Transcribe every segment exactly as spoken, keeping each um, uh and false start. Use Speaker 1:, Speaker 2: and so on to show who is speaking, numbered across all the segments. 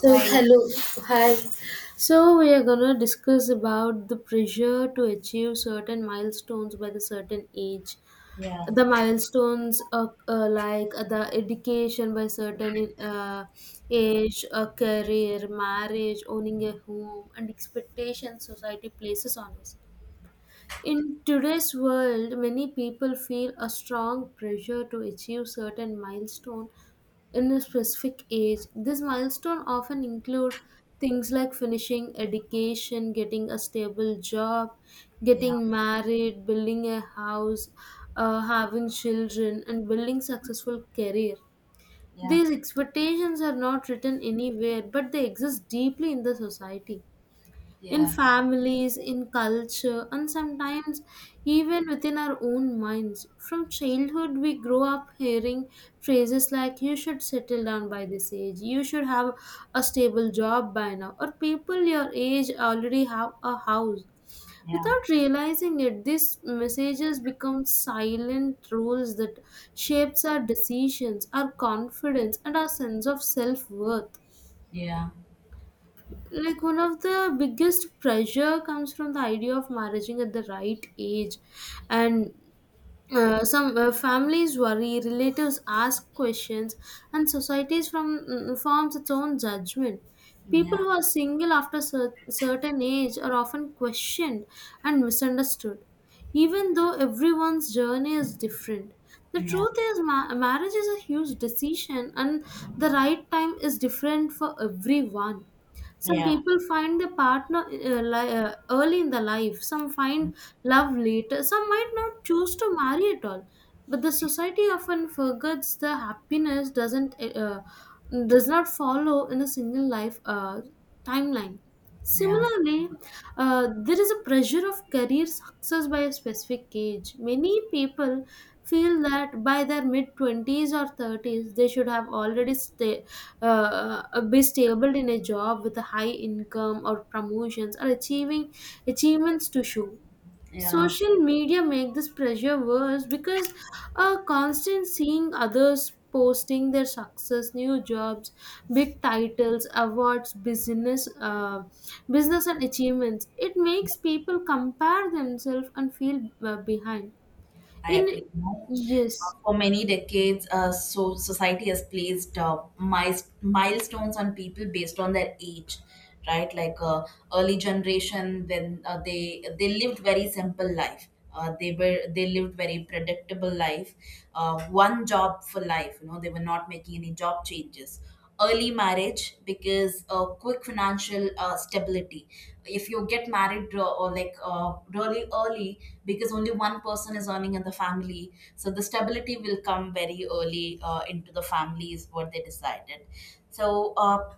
Speaker 1: So
Speaker 2: Right.
Speaker 1: hello, hi. So we are gonna discuss about the pressure to achieve certain milestones by the certain age.
Speaker 2: Yeah.
Speaker 1: The milestones are uh, like the education by certain uh, age, a career, marriage, owning a home, and expectations society places on us. In today's world, many people feel a strong pressure to achieve certain milestone in a specific age. This milestone often include things like finishing education, getting a stable job,
Speaker 2: Yeah.
Speaker 1: getting married, building a house, uh, having children, and building successful career.
Speaker 2: Yeah.
Speaker 1: These expectations are not written anywhere, but they exist deeply in the society in
Speaker 2: Yeah.
Speaker 1: families, in culture, and sometimes even within our own minds. From childhood, we grow up hearing phrases like, "You should settle down by this age, you should have a stable job by now, or people your age already have a house."
Speaker 2: Yeah.
Speaker 1: Without realizing it, these messages become silent rules that shapes our decisions, our confidence, and our sense of self-worth,
Speaker 2: Yeah.
Speaker 1: like one of the biggest pressure comes from the idea of marrying at the right age, and uh, some uh, families worry, relatives ask questions, and societies from mm, forms its own judgment. People
Speaker 2: Yeah.
Speaker 1: who are single after cer- certain age are often questioned and misunderstood, even though everyone's journey is different. The truth is, ma- marriage is a huge decision, and the right time is different for everyone.
Speaker 2: Yeah.
Speaker 1: Some
Speaker 2: Yeah.
Speaker 1: people find their partner uh, li- uh, early in the life, some find love later, some might not choose to marry at all. But the society often forgets the happiness doesn't uh, does not follow in a single life uh, timeline.
Speaker 2: Yeah.
Speaker 1: Similarly, uh, there is a pressure of career success by a specific age. Many people feel that by their mid twenties or thirties, they should have already sta- uh, uh, be stable in a job with a high income or promotions or achieving achievements to show.
Speaker 2: Yeah.
Speaker 1: Social media make this pressure worse because uh, constant seeing others posting their success, new jobs, big titles, awards, business uh, business and achievements, it makes people compare themselves and feel uh, behind
Speaker 2: I
Speaker 1: in.
Speaker 2: agree. Uh,
Speaker 1: Yes.
Speaker 2: for many decades, uh, so society has placed uh, mis- milestones on people based on their age, right? Like uh, early generation, when uh, they they lived very simple life. Uh, they were they lived very predictable life, uh, one job for life. You know, they were not making any job changes. Early marriage because uh, quick financial uh, stability. If you get married uh, or like uh, really early, because only one person is earning in the family, so the stability will come very early uh, into the family is what they decided. So uh,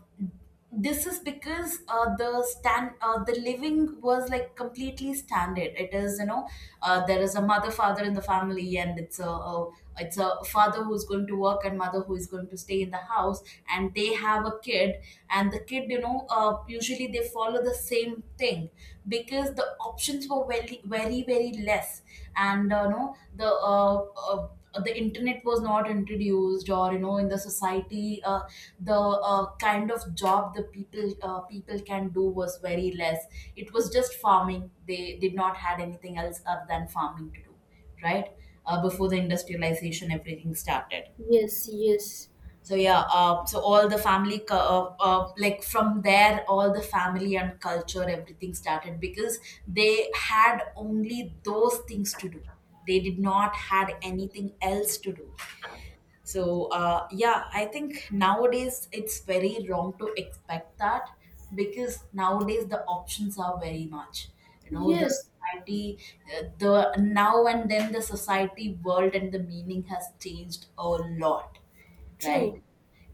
Speaker 2: this is because uh, the stand uh, the living was like completely standard it is, you know, uh, there is a mother father in the family, and it's a, a it's a father who's going to work and mother who is going to stay in the house, and they have a kid, and the kid you know uh, usually they follow the same thing because the options were very very very less. And uh, no, the uh, uh, the internet was not introduced or you know in the society, uh, the uh, kind of job the people uh, people can do was very less. It was just farming. They did not had anything else other than farming to do, right? Uh, before the industrialization everything started.
Speaker 1: Yes, yes.
Speaker 2: So yeah, uh, so all the family, cu- uh, uh, like from there, all the family and culture, everything started because they had only those things to do. They did not had anything else to do. So uh, yeah, I think nowadays it's very wrong to expect that, because nowadays the options are very much. You know, the
Speaker 1: Yes,
Speaker 2: society, uh, the now and then, the society world and the meaning has changed a lot, right?
Speaker 1: true.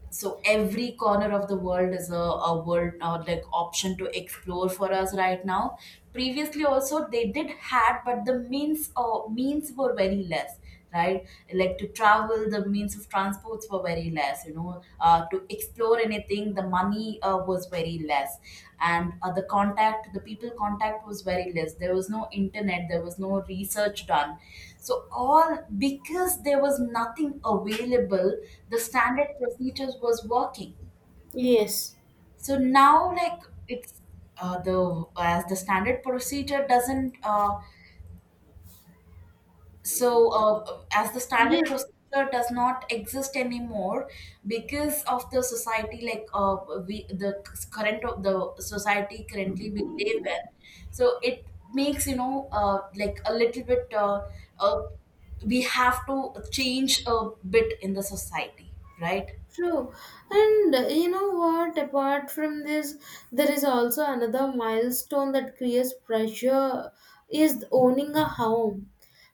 Speaker 2: So every corner of the world is a, a world uh, like option to explore for us right now. Previously also they did had, but the means uh, means were very less, right? Like to travel, the means of transports were very less, you know. Uh, to explore anything the money uh, was very less. And uh, the contact, the people contact was very less, there was no internet, there was no research done. So all because there was nothing available, the standard procedures was working.
Speaker 1: Yes.
Speaker 2: So now, like it's uh, the as the standard procedure doesn't, uh, so uh, as the standard
Speaker 1: Yes.
Speaker 2: procedure does not exist anymore because of the society, like uh, we the current of the society currently we live in, so it makes, you know, uh, like a little bit uh, uh, we have to change a bit in the society, right?
Speaker 1: True. And uh, you know what? Apart from this, there is also another milestone that creates pressure is owning a home.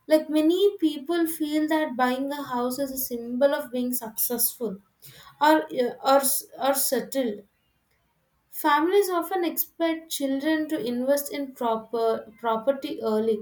Speaker 1: Like many people feel that buying a house is a symbol of being successful or uh, or, s- or settled. Families often expect children to invest in proper property early,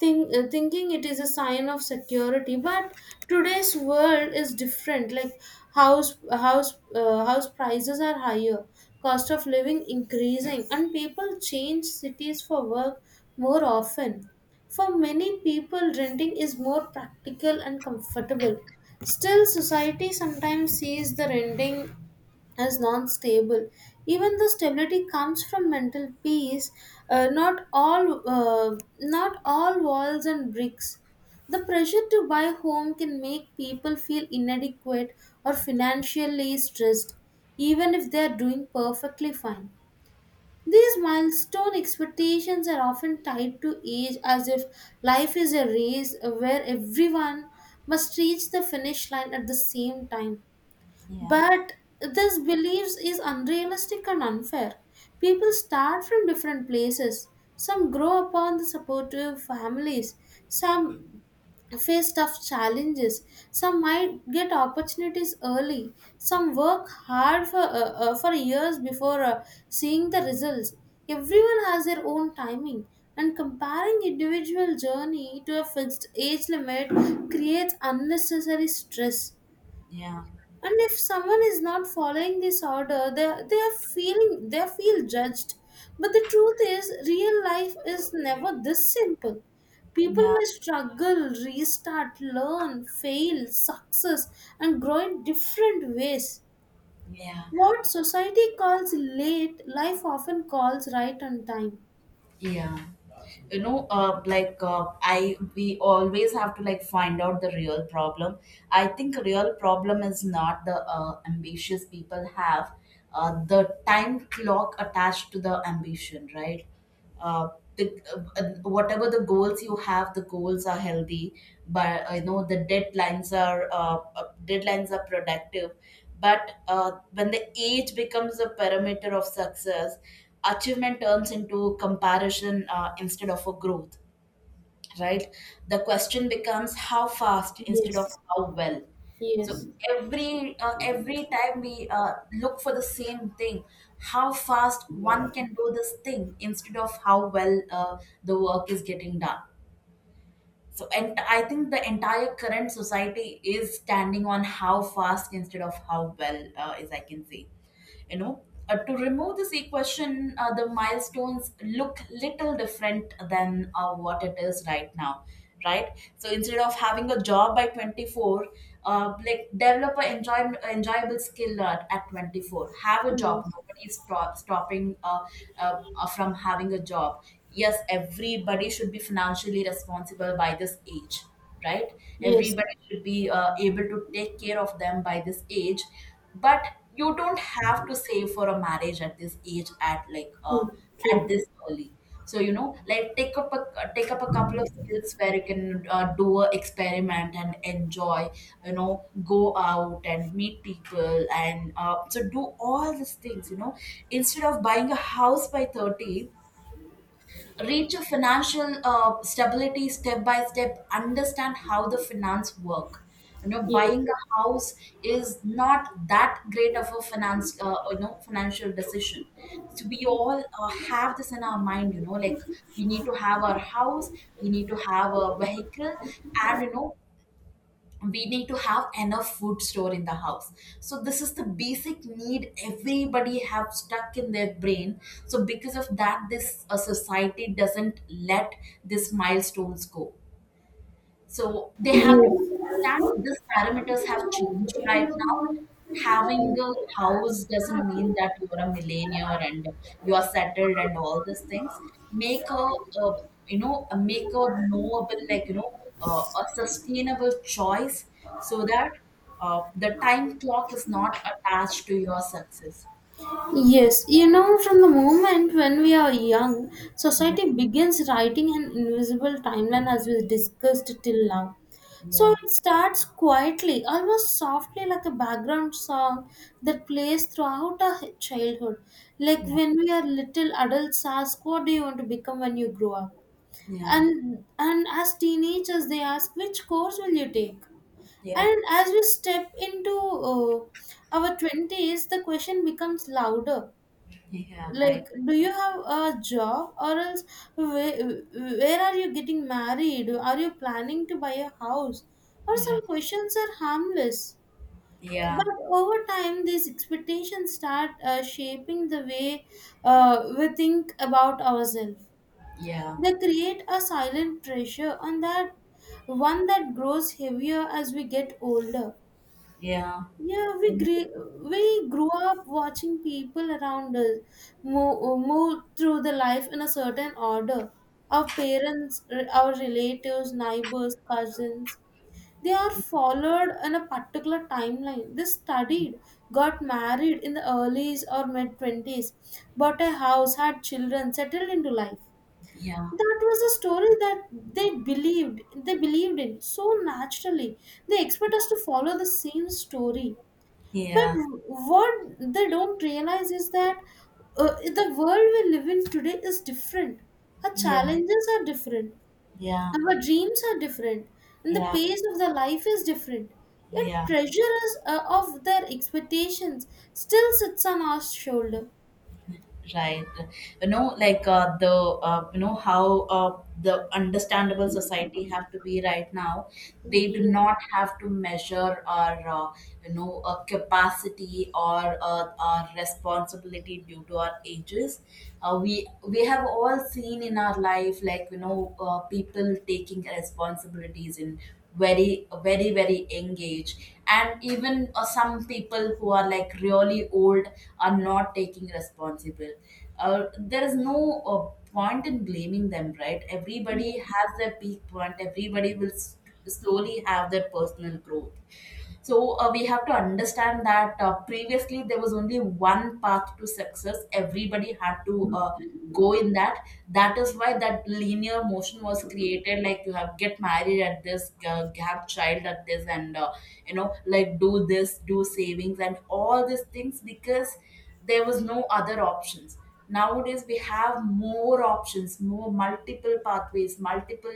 Speaker 1: think, uh, thinking it is a sign of security, but today's world is different. Like house house uh, house prices are higher, cost of living increasing, and people change cities for work more often. For many people, renting is more practical and comfortable, still society sometimes sees the renting is non-stable. Even the stability comes from mental peace. Uh, not all, uh, not all walls and bricks. The pressure to buy home can make people feel inadequate or financially stressed, even if they are doing perfectly fine. These milestone expectations are often tied to age, as if life is a race where everyone must reach the finish line at the same time.
Speaker 2: Yeah,
Speaker 1: But this beliefs is unrealistic and unfair. People start from different places. Some grow upon the supportive families. Some face tough challenges. Some might get opportunities early. Some work hard for uh, uh, for years before uh, seeing the results. Everyone has their own timing, and comparing individual journey to a fixed age limit creates unnecessary stress.
Speaker 2: yeah,
Speaker 1: And if someone is not following this order, they they are feeling they feel judged. But the truth is real life is never this simple. People
Speaker 2: yeah.
Speaker 1: may struggle, restart, learn, fail, success, and grow in different ways.
Speaker 2: Yeah,
Speaker 1: What society calls late life often calls right on time.
Speaker 2: yeah. You know, uh, like uh, I we always have to like find out the real problem. I think real problem is not the uh, ambitious people have uh, the time clock attached to the ambition, right? uh, the, uh, uh, whatever the goals you have, the goals are healthy, but uh, you know the deadlines are, uh, uh, deadlines are productive. But uh, when the age becomes a parameter of success, achievement turns into comparison uh, instead of a growth, right? The question becomes how fast instead of
Speaker 1: Yes,
Speaker 2: how well. So
Speaker 1: yes.
Speaker 2: every uh, every time we uh, look for the same thing, how fast one can do this thing instead of how well uh, the work is getting done. So and I think the entire current society is standing on how fast instead of how well, uh, as I can say, you know. Uh, to remove this equation, uh, the milestones look little different than uh, what it is right now, right? So instead of having a job by twenty-four, uh, like develop a enjoy, enjoyable skill at, at twenty-four, have a
Speaker 1: Mm.
Speaker 2: job. Nobody is stop, stopping uh, uh, uh, from having a job. Yes, everybody should be financially responsible by this age, right?
Speaker 1: Yes.
Speaker 2: Everybody should be uh, able to take care of them by this age, but you don't have to save for a marriage at this age, at like uh,
Speaker 1: True,
Speaker 2: at
Speaker 1: true.
Speaker 2: this early. So you know, like take up a take up a couple of skills where you can uh, do a experiment and enjoy. You know, go out and meet people, and uh, so do all these things. You know, instead of buying a house by thirty, reach a financial uh, stability step by step. Understand how the finance work, you know.
Speaker 1: Yes,
Speaker 2: Buying a house is not that great of a finance, uh, you know, financial decision. So we all uh, have this in our mind, you know, like we need to have our house, we need to have a vehicle, and you know, we need to have enough food store in the house. So this is the basic need everybody have stuck in their brain. So because of that, this a society doesn't let these milestones go. So they have to understand these parameters have changed right now. Having
Speaker 1: yes.
Speaker 2: a house doesn't mean that you're a millionaire and you are settled and all these things. Make a, a, you know, a- make a knowable like you know uh, a sustainable choice, so that uh, the time clock is not attached to your success.
Speaker 1: Yes, you know, from the moment when we are young,
Speaker 2: Yeah,
Speaker 1: society begins writing an invisible timeline, as we discussed till now. So
Speaker 2: yeah,
Speaker 1: it starts quietly, almost softly, like a background song that plays throughout our h- childhood. Like
Speaker 2: yeah,
Speaker 1: when we are little, adults ask, "What do you want to become when you grow up?"
Speaker 2: yeah,
Speaker 1: And, and as teenagers, they ask, "Which course will you take?"
Speaker 2: yeah,
Speaker 1: And as we step into uh, our twenties, the question becomes louder,
Speaker 2: yeah, right.
Speaker 1: like do you have a job, or else where, where are you getting married, are you planning to buy a house, or
Speaker 2: Yeah,
Speaker 1: some questions are harmless.
Speaker 2: yeah,
Speaker 1: But over time these expectations start uh, shaping the way uh, we think about ourselves.
Speaker 2: yeah,
Speaker 1: They create a silent pressure on that, one that grows heavier as we get older.
Speaker 2: yeah,
Speaker 1: Yeah, we grew, we grew up watching people around us move, move through the life in a certain order. Our parents, r- our relatives, neighbors, cousins, they are followed in a particular timeline. They studied, got married in the earlys or mid twenties, bought a house, had children, settled into life.
Speaker 2: yeah,
Speaker 1: That was a story that they believed, they believed in so naturally. They expect us to follow the same story, but
Speaker 2: yeah.
Speaker 1: what they don't realize is that uh, the world we live in today is different. Our
Speaker 2: Yeah,
Speaker 1: challenges are different.
Speaker 2: yeah,
Speaker 1: Our dreams are different. And the
Speaker 2: yeah,
Speaker 1: pace of their life is different. Yet
Speaker 2: yeah,
Speaker 1: pressure is, uh, of their expectations, still sits on our shoulder.
Speaker 2: right. You know, like uh, the uh, you know how uh, the understandable society have to be right now. They do
Speaker 1: Yes,
Speaker 2: not have to measure or uh, you know a capacity or a, our responsibility due to our ages. uh, we we have all seen in our life, like, you know, uh, people taking responsibilities in very very very engaged. And even uh, some people who are like really old are not taking responsible. Uh, there is no uh, point in blaming them, right? Everybody
Speaker 1: yes,
Speaker 2: has their peak point. Everybody will s- slowly have their personal growth. So uh, we have to understand that, uh, previously there was only one path to success. Everybody had to uh, go in that. That is why that linear motion was created. Like you have get married at this, uh, have child at this, and uh, you know, like do this, do savings, and all these things, because there was no other options. Nowadays we have more options, more multiple pathways, multiple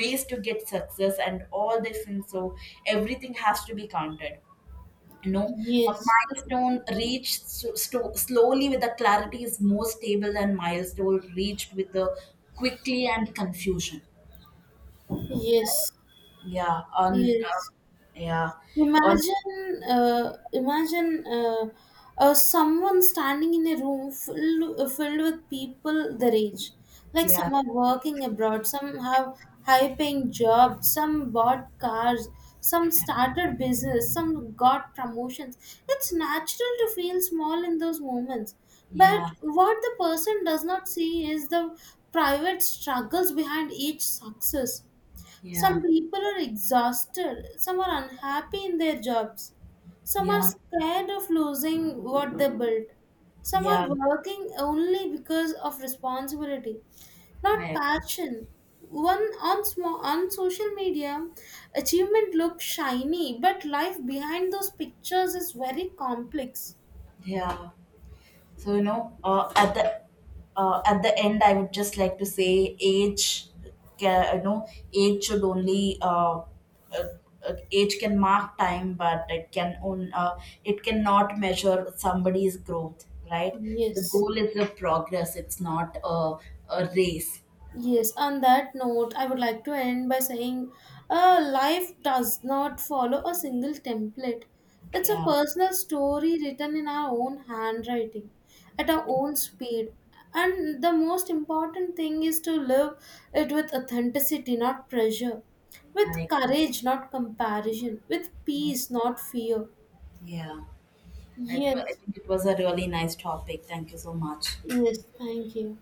Speaker 2: ways to get success and all these things. So everything has to be counted, you know. A
Speaker 1: yes,
Speaker 2: milestone reached so, sto- slowly with the clarity is more stable than milestone reached with the quickly and confusion.
Speaker 1: yes,
Speaker 2: Yeah on uh,
Speaker 1: yes.
Speaker 2: yeah on
Speaker 1: Imagine, uh, imagine uh, uh, someone standing in a room full, filled with people their age. Like
Speaker 2: yeah
Speaker 1: some are working abroad, some have high-paying jobs, some bought cars, some started business, some got promotions. It's natural to feel small in those moments.
Speaker 2: yeah
Speaker 1: But what the person does not see is the private struggles behind each success. Some
Speaker 2: yeah
Speaker 1: people are exhausted, some are unhappy in their jobs, some are
Speaker 2: yeah
Speaker 1: scared of losing what they built, some are
Speaker 2: yeah.
Speaker 1: working only because of responsibility, not
Speaker 2: I,
Speaker 1: passion. One on, smo- on social media, achievement looks shiny, but life behind those pictures is very complex.
Speaker 2: yeah. So you know, uh, at the uh, at the end, I would just like to say, age, ca- you know, age should only uh, uh, uh, age can mark time, but it can own, uh, it cannot measure somebody's growth, right? The
Speaker 1: Yes.
Speaker 2: goal is the progress; it's not a a race.
Speaker 1: Yes, on that note, I would like to end by saying uh, life does not follow a single template. It's a
Speaker 2: Yeah,
Speaker 1: personal story written in our own handwriting, at our own speed. And the most important thing is to live it with authenticity, not pressure, with
Speaker 2: I
Speaker 1: courage, not comparison, with peace, not fear.
Speaker 2: yeah. It, wa- I
Speaker 1: Yes,
Speaker 2: think it was a really nice topic. Thank you so much.
Speaker 1: yes, thank you.